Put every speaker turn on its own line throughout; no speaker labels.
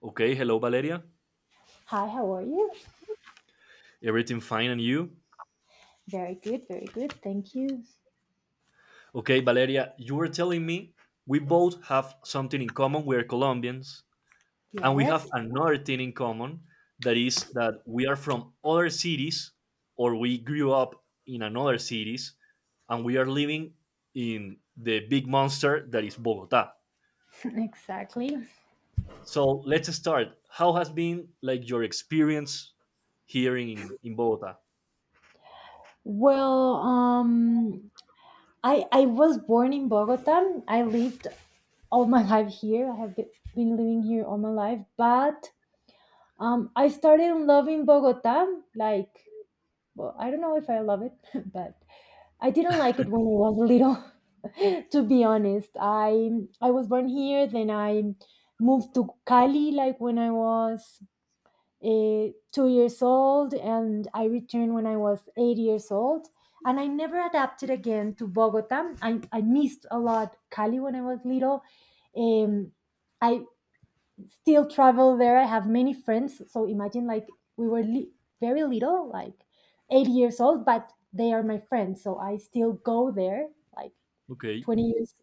Okay, hello, Valeria.
Hi, how are you?
Everything fine and you?
Very good, very good. Thank you.
Okay, Valeria, you were telling me we both have something in common. We are Colombians, and we have
Yes,
another thing in common that is that we are from other cities or we grew up in another cities and we are living in the big monster that is Bogota.
exactly.
So let's start. How has been like your experience here in Bogota?
Well, I was born in Bogota. I lived all my life here. I have been living here all my life, but I started loving Bogota. Like, well, I don't know if I love it, but I didn't like it when I was little. To be honest, I was born here. Then I moved to Cali, like when I was 2 years old, and I returned when I was 8 years old. And I never adapted again to Bogota. I missed a lot Cali when I was little. Um, I still travel there. I have many friends. So imagine like very little, like 8 years old, but they are my friends. So I still go there. Like
Okay.
20 years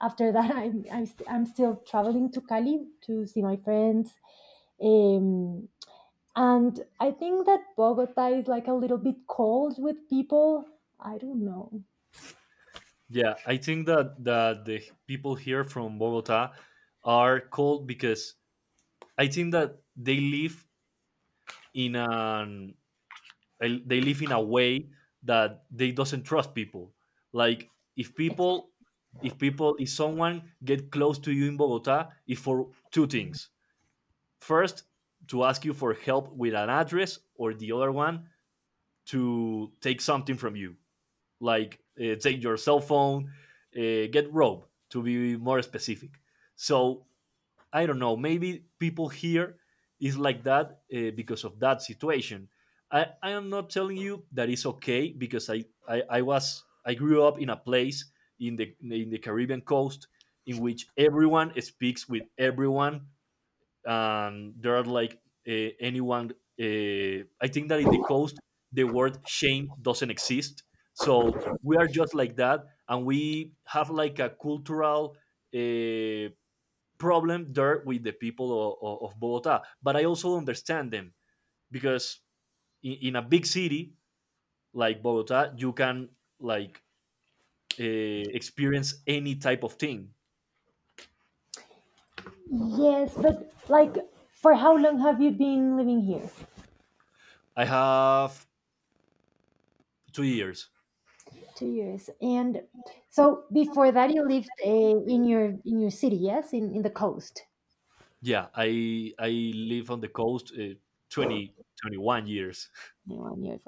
after that, I'm still traveling to Cali to see my friends. Um, and I think that Bogota is like a little bit cold with people. I don't know.
Yeah, I think that the people here from Bogota are cold because I think that they live in an they live in a way that they doesn't trust people. Like if
Ex-
people if people if someone get close to you in Bogota, it's for two things. First, to ask you for help with an address, or the other one to take something from you. Like take your cell phone, get rope to be more specific. So I don't know, maybe people here is like that because of that situation. I am not telling you that it's okay because I grew up in a place in the Caribbean coast in which everyone speaks with everyone and there are like anyone. I think that in the coast, the word shame doesn't exist. So we are just like that, and we have like a cultural uh, problem there with the people of Bogota. But I also understand them because in a big city like Bogota, you can like uh, experience any type of thing.
Yes, but like, for how long have you been living here?
I have 2 years.
2 years. And so before that you lived in your city, yes, in the coast.
Yeah, I live on the coast 21 years.
1 years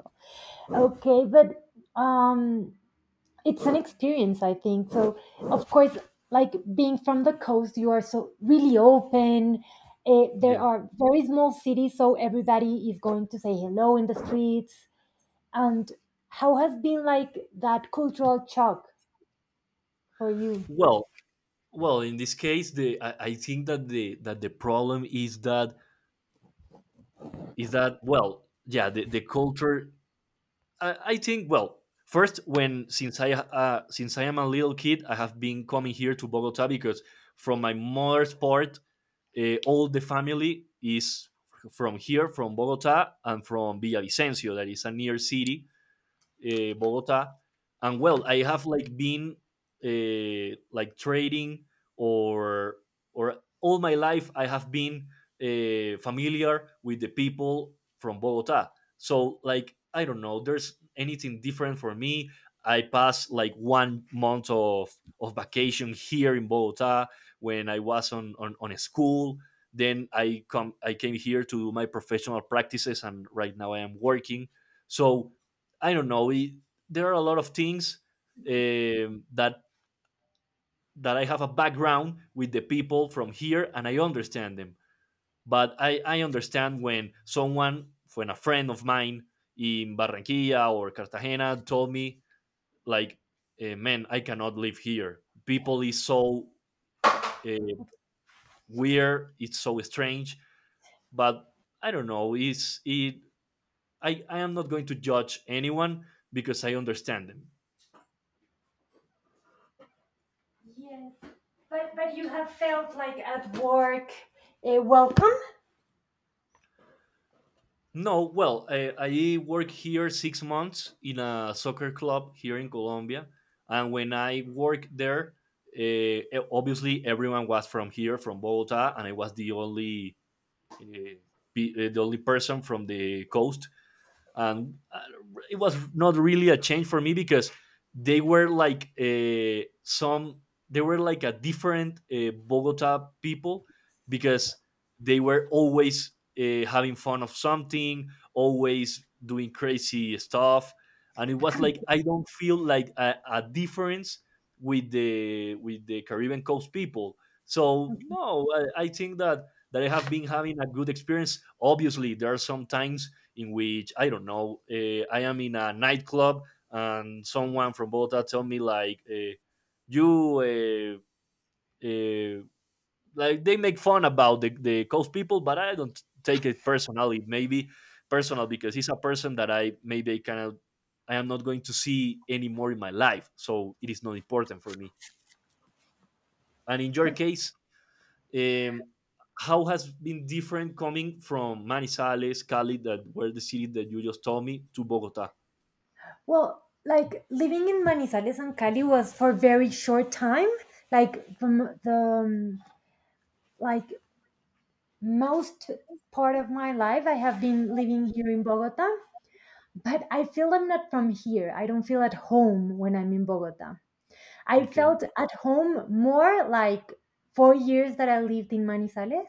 old. Okay, but it's an experience, I think. So of course, like being from the coast, you are so really open. There
Yeah.
are very small cities, so everybody is going to say hello in the streets. And how has been like that cultural shock for you?
Well, well, in this case, I think that the problem is that well, yeah, the culture. I think well, first when since I am a little kid, I have been coming here to Bogota because from my mother's part, all the family is from here, from Bogota, and from Villavicencio, that is a near city Bogota, and well, I have like been like trading or all my life I have been familiar with the people from Bogota. So like I don't know, there's anything different for me. I pass like one month of vacation here in Bogota when I was on a school. Then I came here to do my professional practices, and right now I am working. So I don't know. It, there are a lot of things that I have a background with the people from here and I understand them. But I understand when someone, when a friend of mine in Barranquilla or Cartagena told me, like, man, I cannot live here. People is so uh, weird, it's so strange. But I don't know. It's it. I am not going to judge anyone because I understand them.
Yes, but you have felt like at work, welcome.
No, well, I work here 6 months in a soccer club here in Colombia, and when I worked there, uh, obviously everyone was from here, from Bogota, and I was the only uh, the only person from the coast and it was not really a change for me because they were like some they were like a different Bogota people because they were always having fun of something, always doing crazy stuff, and it was like I don't feel like a difference with the Caribbean coast people. So no, I think that I have been having a good experience. Obviously, there are some times in which I don't know, I am in a nightclub and someone from Bogota told me like you uh, uh, like they make fun about the coast people, but I don't take it personally. Maybe personal because he's a person that I maybe I kind of I am not going to see anymore in my life, so it is not important for me. And in your case, Um, how has been different coming from Manizales, Cali, that were the cities that you just told me, to Bogota?
Well, like living in Manizales and Cali was for very short time, like from the um, like most part of my life, I have been living here in Bogota, but I feel I'm not from here. I don't feel at home when I'm in Bogota. I
Okay.
felt at home more like 4 years that I lived in Manizales,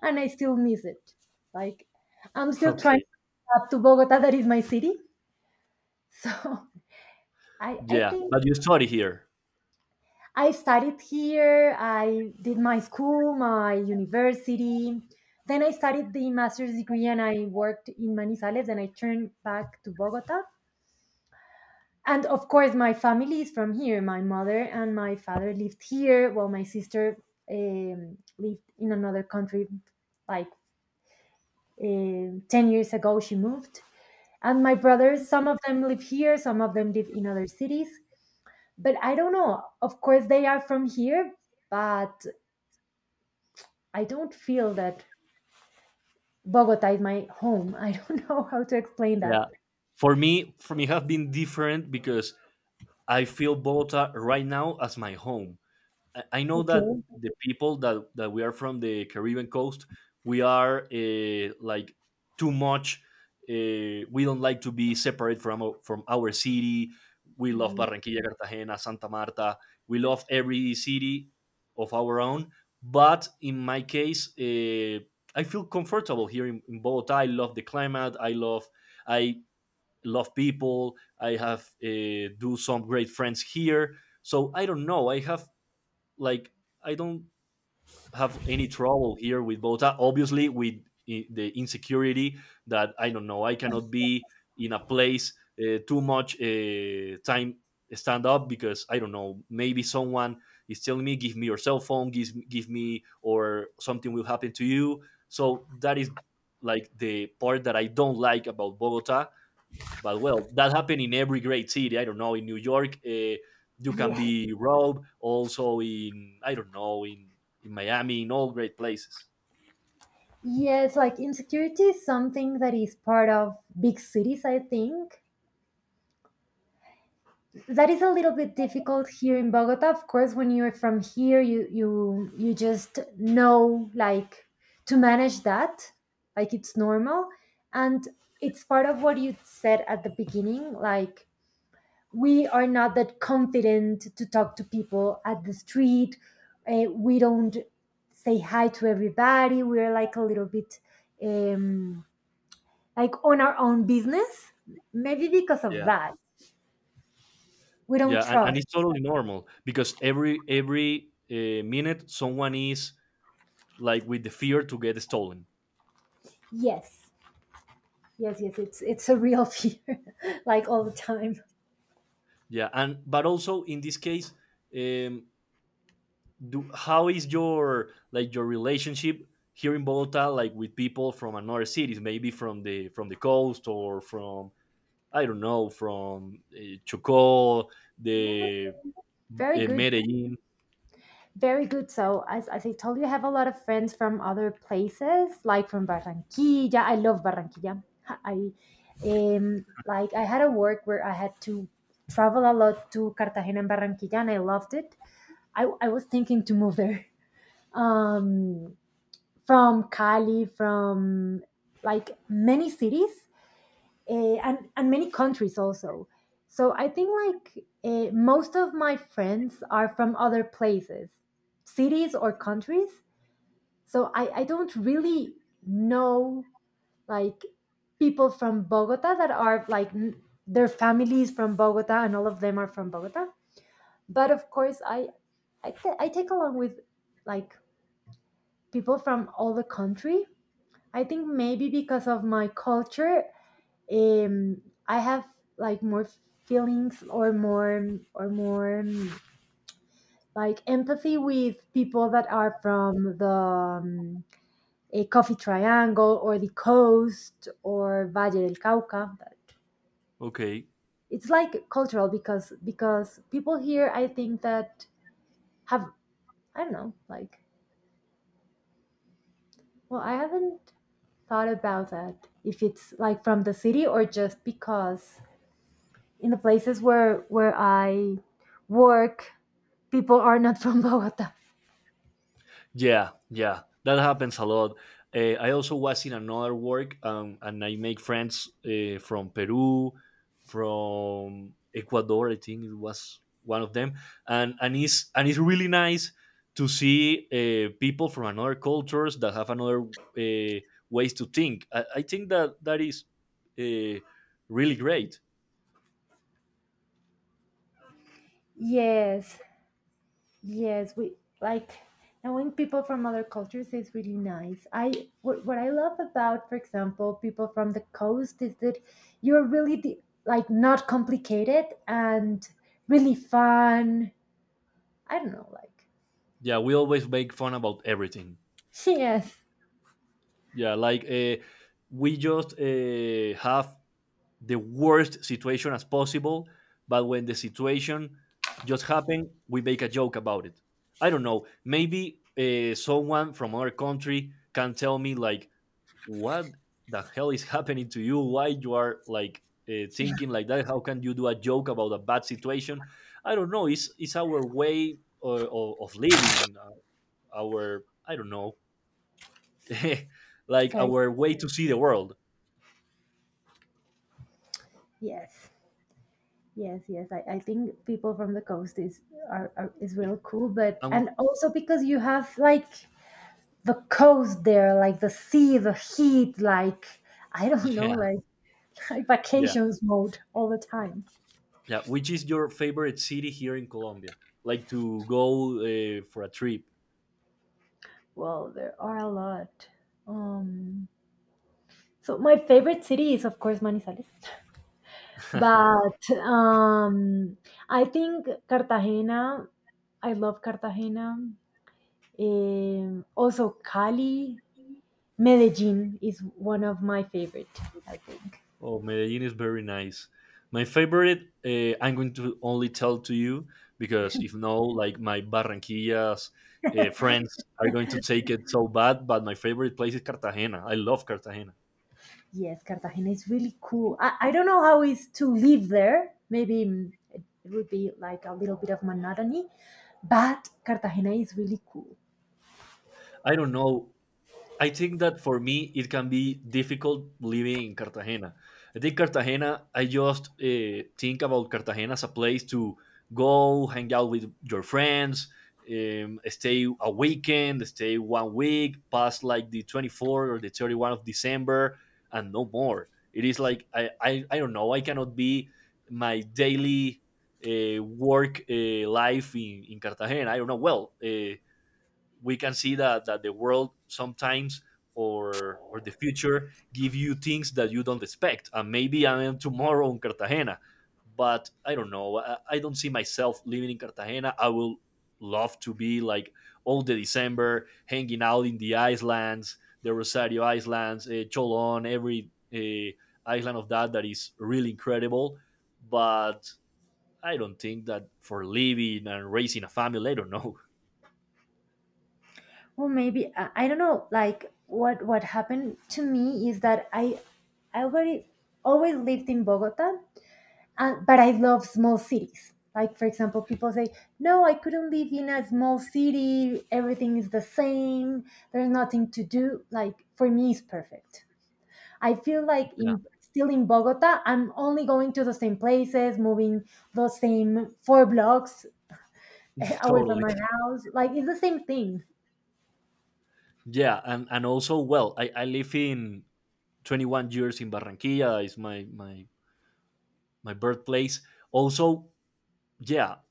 and I still miss it. Like, I'm still trying
Okay.
to adapt to Bogota, that is my city. So I
Yeah,
think
but you study here.
I studied here, I did my school, my university. Then I studied the master's degree, and I worked in Manizales and I turned back to Bogota. And of course, my family is from here. My mother and my father lived here, while my sister lived in another country, like 10 years ago. She moved. And my brothers, some of them live here, some of them live in other cities. But I don't know. Of course, they are from here, but I don't feel that Bogota is my home. I don't know how to explain that.
Yeah. For me, have been different because I feel Bogota right now as my home. I know that
Okay.
the people that we are from the Caribbean coast, we are like too much. We don't like to be separate from our city. We love
Yeah.
Barranquilla, Cartagena, Santa Marta. We love every city of our own. But in my case, I feel comfortable here in Bogota. I love the climate. I love people. I have do some great friends here. So I don't know. I have like I don't have any trouble here with Bogota. Obviously, with the insecurity that I don't know, I cannot be in a place too much time stand up because I don't know. Maybe someone is telling me, "Give me your cell phone," or something will happen to you. So that is like the part that I don't like about Bogota. But well, that happened in every great city. I don't know in New York, you can
Yeah.
be robbed. Also in I don't know in Miami, in all great places.
Yes, like insecurity is something that is part of big cities, I think. That is a little bit difficult here in Bogota. Of course, when you're from here, you just know like to manage that, like it's normal. And it's part of what you said at the beginning, like we are not that confident to talk to people at the street. We don't say hi to everybody. We're like a little bit, um, like on our own business. Maybe because of
Yeah,
that, we don't
yeah, and
trust.
it's totally normal because every minute someone is like with the fear to get stolen.
Yes, yes, yes. It's a real fear, like all the time.
Yeah, and but also in this case, um, do how is your like your relationship here in Bogota, like with people from another cities, maybe from the coast or from I don't know, from Chocó,
No,
the
very good.
Medellin.
Very good. So, as I told you, I have a lot of friends from other places, like from Barranquilla. I love Barranquilla. I I had a work where I had to travel a lot to Cartagena and Barranquilla, and I loved it. I was thinking to move there. Um, from Cali, from, like, many cities, and many countries also. So I think like, most of my friends are from other places, cities or countries. So I don't really know like people from Bogota that are like their families from Bogota and all of them are from Bogota. But of course I take along with, like, people from all the country. I think maybe because of my culture, um I have, like, more feelings or more like empathy with people that are from the a coffee triangle or the coast or Valle del Cauca. That,
Okay.
it's like cultural, because people here, I think that have, I don't know, like, well, I haven't thought about that if it's like from the city or just because in the places where I work, people are not from Bogota.
Yeah, yeah, that happens a lot. I also was in another work, and I make friends from Peru, from Ecuador. I think it was one of them, and it's and it's really nice to see people from another cultures that have another ways to think. I think that that is uh, really great.
Yes, yes, we, like, knowing people from other cultures is really nice. What I love about, for example, people from the coast, is that you're really, the, like, not complicated and really fun. I don't know, like,
Yeah, we always make fun about everything.
yes,
Yeah, like we just have the worst situation as possible, but when the situation just happen, we make a joke about it. I don't know. Maybe someone from our country can tell me like, what the hell is happening to you? Why you are like thinking like that? How can you do a joke about a bad situation? I don't know. It's our way of living. Our I don't know like
sorry,
our way to see the world.
yes. Yes, yes, I think people from the coast is, are is real cool, but
Um,
and also because you have, like, the coast there, like the sea, the heat, like, I don't know,
yeah,
like, like,
yeah,
vacations mode all the
yeah,
time.
yeah. Which is your favorite city here in Colombia? Like to go for a trip.
Well, there are a lot. Um, so my favorite city is of course Manizales, but I think Cartagena. I love Cartagena. Also Cali, Medellin is one of my favorite. I think.
Oh, Medellin is very nice. My favorite, I'm going to only tell to you because if no, like my Barranquillas friends are going to take it so bad. But my favorite place is Cartagena. I love Cartagena.
Yes, Cartagena is really cool. I don't know how it's to live there. Maybe, it would be like a little bit of monotony, but Cartagena is really cool.
I don't know I think that for me it can be difficult living in Cartagena. I think Cartagena. I just think about Cartagena as a place to go hang out with your friends, stay a weekend, stay one week, past like the 24 or the 31 of December, and no more. It is like I don't know. I cannot be my daily work life in Cartagena. I don't know. Well, we can see that the world sometimes or the future give you things that you don't expect. And maybe I am tomorrow in Cartagena, but I don't know. I don't see myself living in Cartagena. I will love to be like all the December hanging out in the islands, the Rosario Islands, Cholon, every island of that that is really incredible. But I don't think that for living and raising a family, I don't know.
Well, maybe I don't know. Like, what happened to me is that I already always lived in Bogota, but I love small cities. Like for example, people say, "No, I couldn't live in a small city. Everything is the same. There's nothing to do." Like for me, it's perfect. I feel like,
Yeah,
in still in Bogota, I'm only going to the same places, moving the same 4 blocks away from
totally.
my house. Like, it's the same thing,
Yeah, and also well, I live in 21 years in Barranquilla. It's my my birthplace. Also, yeah,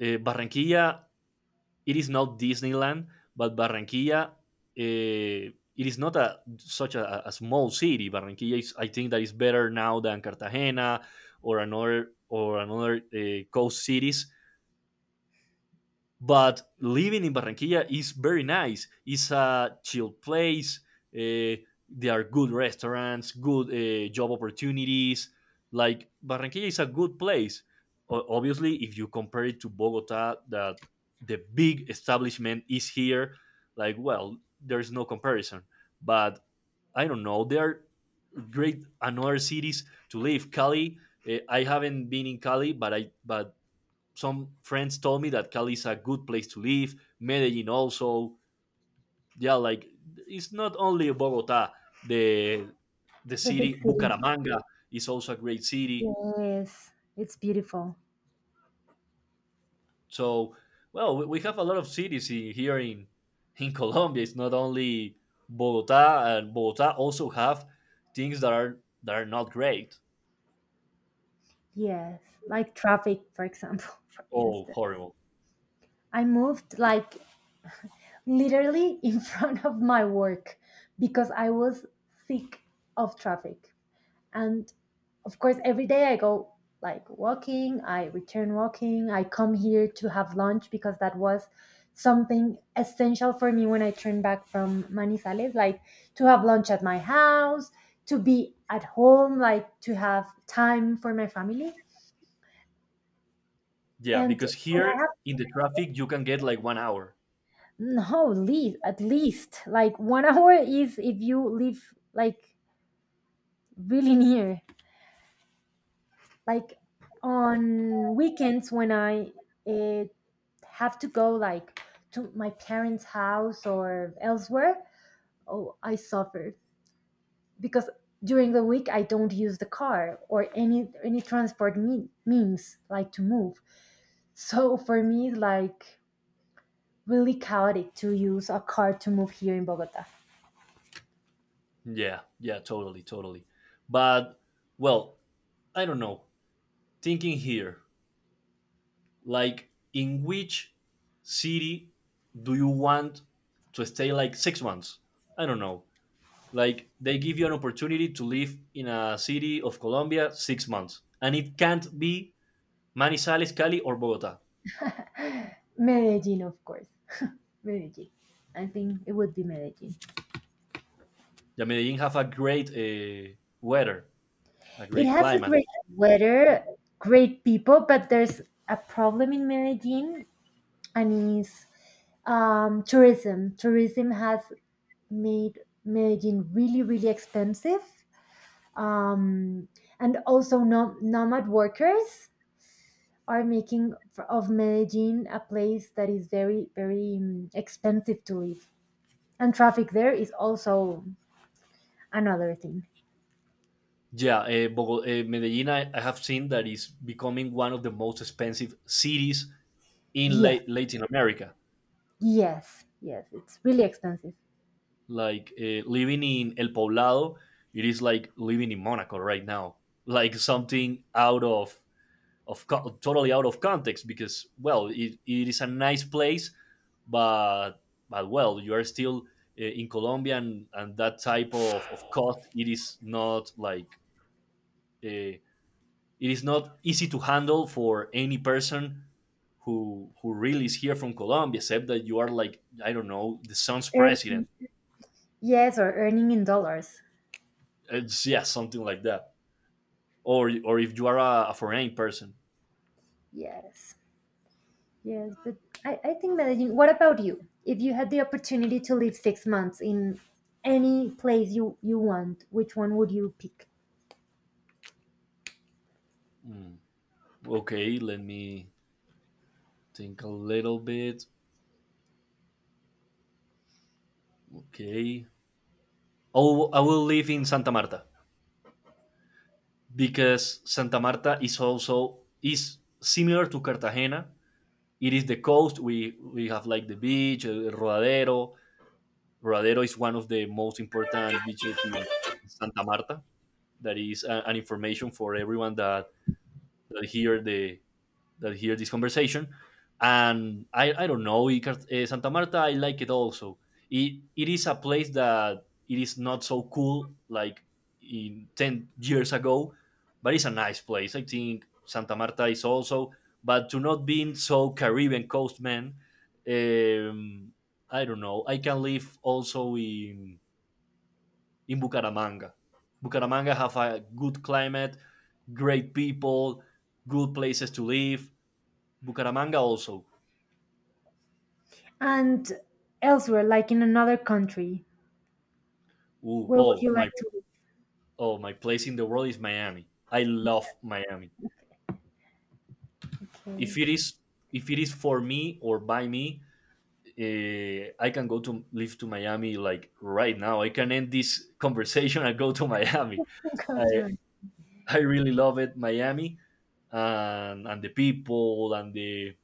Barranquilla. It is not Disneyland, but Barranquilla. It is not a such a small city. Barranquilla is. I think that is better now than Cartagena or another coast cities. But living in Barranquilla is very nice. It's a chill place. Eh, there are good restaurants, good job opportunities. Like Barranquilla is a good place. Obviously, if you compare it to Bogota, that the big establishment is here, like well, there's no comparison. But I don't know. There are great another cities to live. Cali. Eh, I haven't been in Cali, but I but some friends told me that Cali is a good place to live. Medellin also. Yeah, like it's not only Bogota. The the
the big
city
city.
Bucaramanga is also a great city.
Yes, it's beautiful.
So well, we have a lot of cities here in Colombia. It's not only Bogota, and Bogota also have things that are not great.
Yes, like, traffic, for example, for
Oh,
instance.
horrible!
I moved like literally in front of my work because I was sick of traffic. And of course, every day I go like walking, I return walking, I come here to have lunch, because that was something essential for me when I turned back from Manizales, like to have lunch at my house, to be at home, like to have time for my family.
Yeah,
And
because
when
here
I have
in the traffic you can get like 1 hour.
no least at least like one hour, is if you live like really near. Like, on weekends when I eh, have to go like to my parents house or elsewhere, oh, I suffer, because during the week I don't use the car or any transport means like to move. So for me it's like really chaotic to use a car to move here in Bogota.
Yeah, yeah, totally, totally. But well, I don't know. Thinking here, like in which city do you want to stay like 6 months? I don't know. Like they give you an opportunity to live in a city of Colombia 6 months, and it can't be Manizales, Cali or Bogota.
Medellin, of course. Medellin, I think it would be Medellin.
Yeah, Medellin have a great weather, a
It
great
has a
climate.
great weather, great people, but there's a problem in Medellin, and is, tourism. Tourism has made Medellin really, really expensive, um, and also nomad workers are making of Medellin a place that is very, very, expensive to live, and traffic there is also another thing.
Yeah, Medellin, I have seen that is becoming one of the most expensive cities in
Yes,
Latin America.
yes, yes, it's really expensive.
Like living in El Poblado, it is like living in Monaco right now. Like something out of totally out of context because well, it is a nice place, but but well, you are still in Colombia, and that type of cost. It is not like uh, it is not easy to handle for any person who really is here from Colombia, except that you are like I don't know the son's
Er,
president.
Yes, or earning in dollars.
It's, yeah, something like that. Or if you are a foreign person.
Yes, yes. But I think managing. What about you? If you had the opportunity to live 6 months in any place you want, which one would you pick?
Hmm. Okay, let me think a little bit. Okay, oh, I will live in Santa Marta because Santa Marta is also is similar to Cartagena. It is the coast. We have like the beach, el rodadero. Rodadero is one of the most important beaches in Santa Marta. That is an information for everyone that, that hear the that hear this conversation. And I don't know, Santa Marta, I like it also. It is a place that it is not so cool like in 10 years ago, but it's a nice place. I think Santa Marta is also, but to not being so Caribbean coast, man, um, I don't know. I can live also in Bucaramanga. Bucaramanga have a good climate, great people, good places to live. Bucaramanga also.
And elsewhere, like in another country,
Ooh,
where would
oh
you
my
like to live?
oh my place in the world is Miami. I love Miami. If
Okay.
it is if it is for me or by me, I can go to live to Miami like right now. I can end this conversation and go to Miami.
Go to
I
my-
I really love it, Miami, and the people,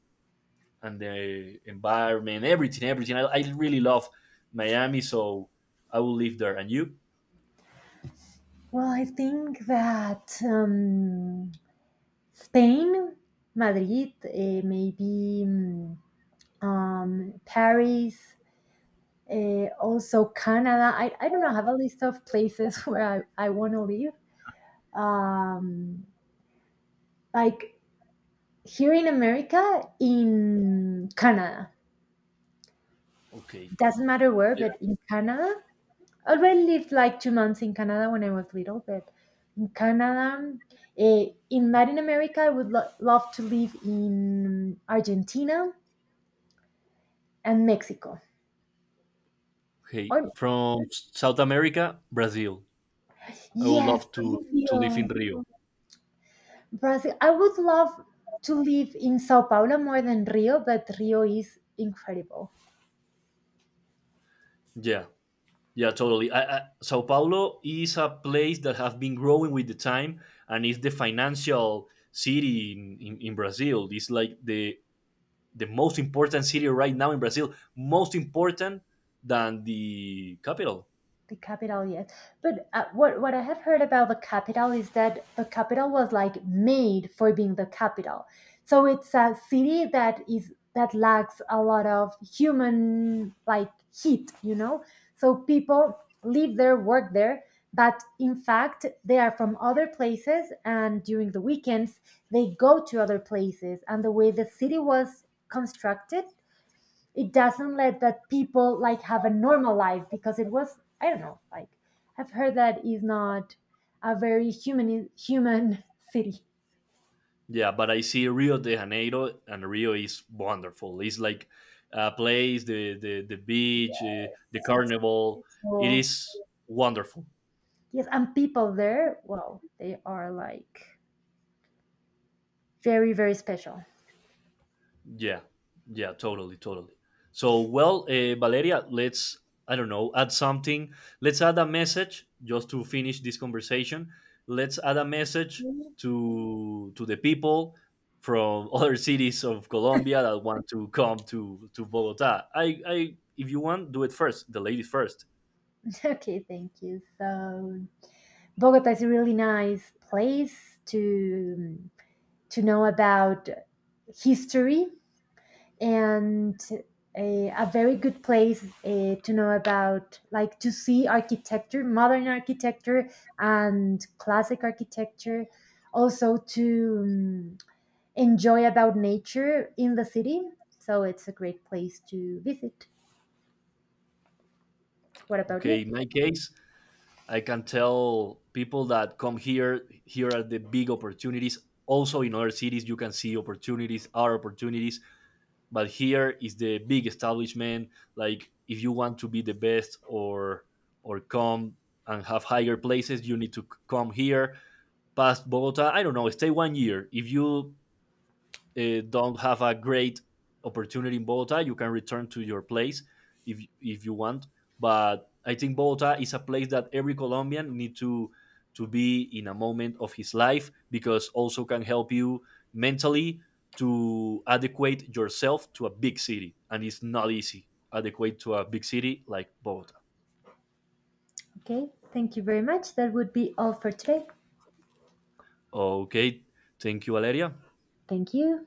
and the environment, everything, everything. I really love Miami, so I will live there. And you?
Well, I think that, Spain, Madrid, maybe, Paris, also, Canada. I don't know. I have a list of places where I want to live. Um, like, here in America, in Canada.
Okay.
Doesn't matter where,
Yeah.
but in Canada. I already lived like 2 months in Canada when I was little, but in Canada, in Latin America, I would love to live in Argentina and Mexico.
Okay.
Or
From South America, Brazil. I would
yes,
love to live in
Brazil.
Rio.
Brazil. I would love to live in Sao Paulo more than Rio, but Rio is incredible.
Yeah. Yeah, totally. Sao Paulo is a place that have been growing with the time, and is the financial city in Brazil. It's like the most important city right now in Brazil, most important than the capital.
The capital, yes. But what I have heard about the capital is that the capital was like made for being the capital. So it's a city that is that lacks a lot of human, like, heat. So people live there, work there, but in fact they are from other places, and during the weekends they go to other places. And the way the city was constructed, it doesn't let that people like have a normal life, because it was, I don't know, like, I've heard that is not a very human city.
Yeah, but I see Rio de Janeiro, and Rio is wonderful. It's like a place, the beach, the
It's,
carnival. It
well,
is wonderful.
yes, and people there, well, they are like very, very special.
Yeah, yeah, totally, totally. So, well, Valeria, let's, I don't know, add something. Let's add a message just to finish this conversation. Let's add a message to the people from other cities of Colombia that want to come to Bogota. If you want, do it first. The lady first.
Okay, thank you. So Bogota is a really nice place to know about history, and a very good place to know about, like, to see architecture, modern architecture and classic architecture, also to, enjoy about nature in the city. So it's a great place to visit. What about
Okay,
you?
in my case, I can tell people that come here. Here are the big opportunities. Also, in other cities, you can see opportunities, our opportunities, but here is the big establishment. Like if you want to be the best, or come and have higher places, you need to come here past Bogota. I don't know, stay 1 year if you don't have a great opportunity in Bogota, you can return to your place if you want. But I think Bogota is a place that every Colombian need to be in a moment of his life because also can help you mentally to adequate yourself to a big city, and it's not easy adequate to a big city like Bogota.
Okay, thank you very much. That would be all for today.
Okay, thank you, Valeria.
Thank you.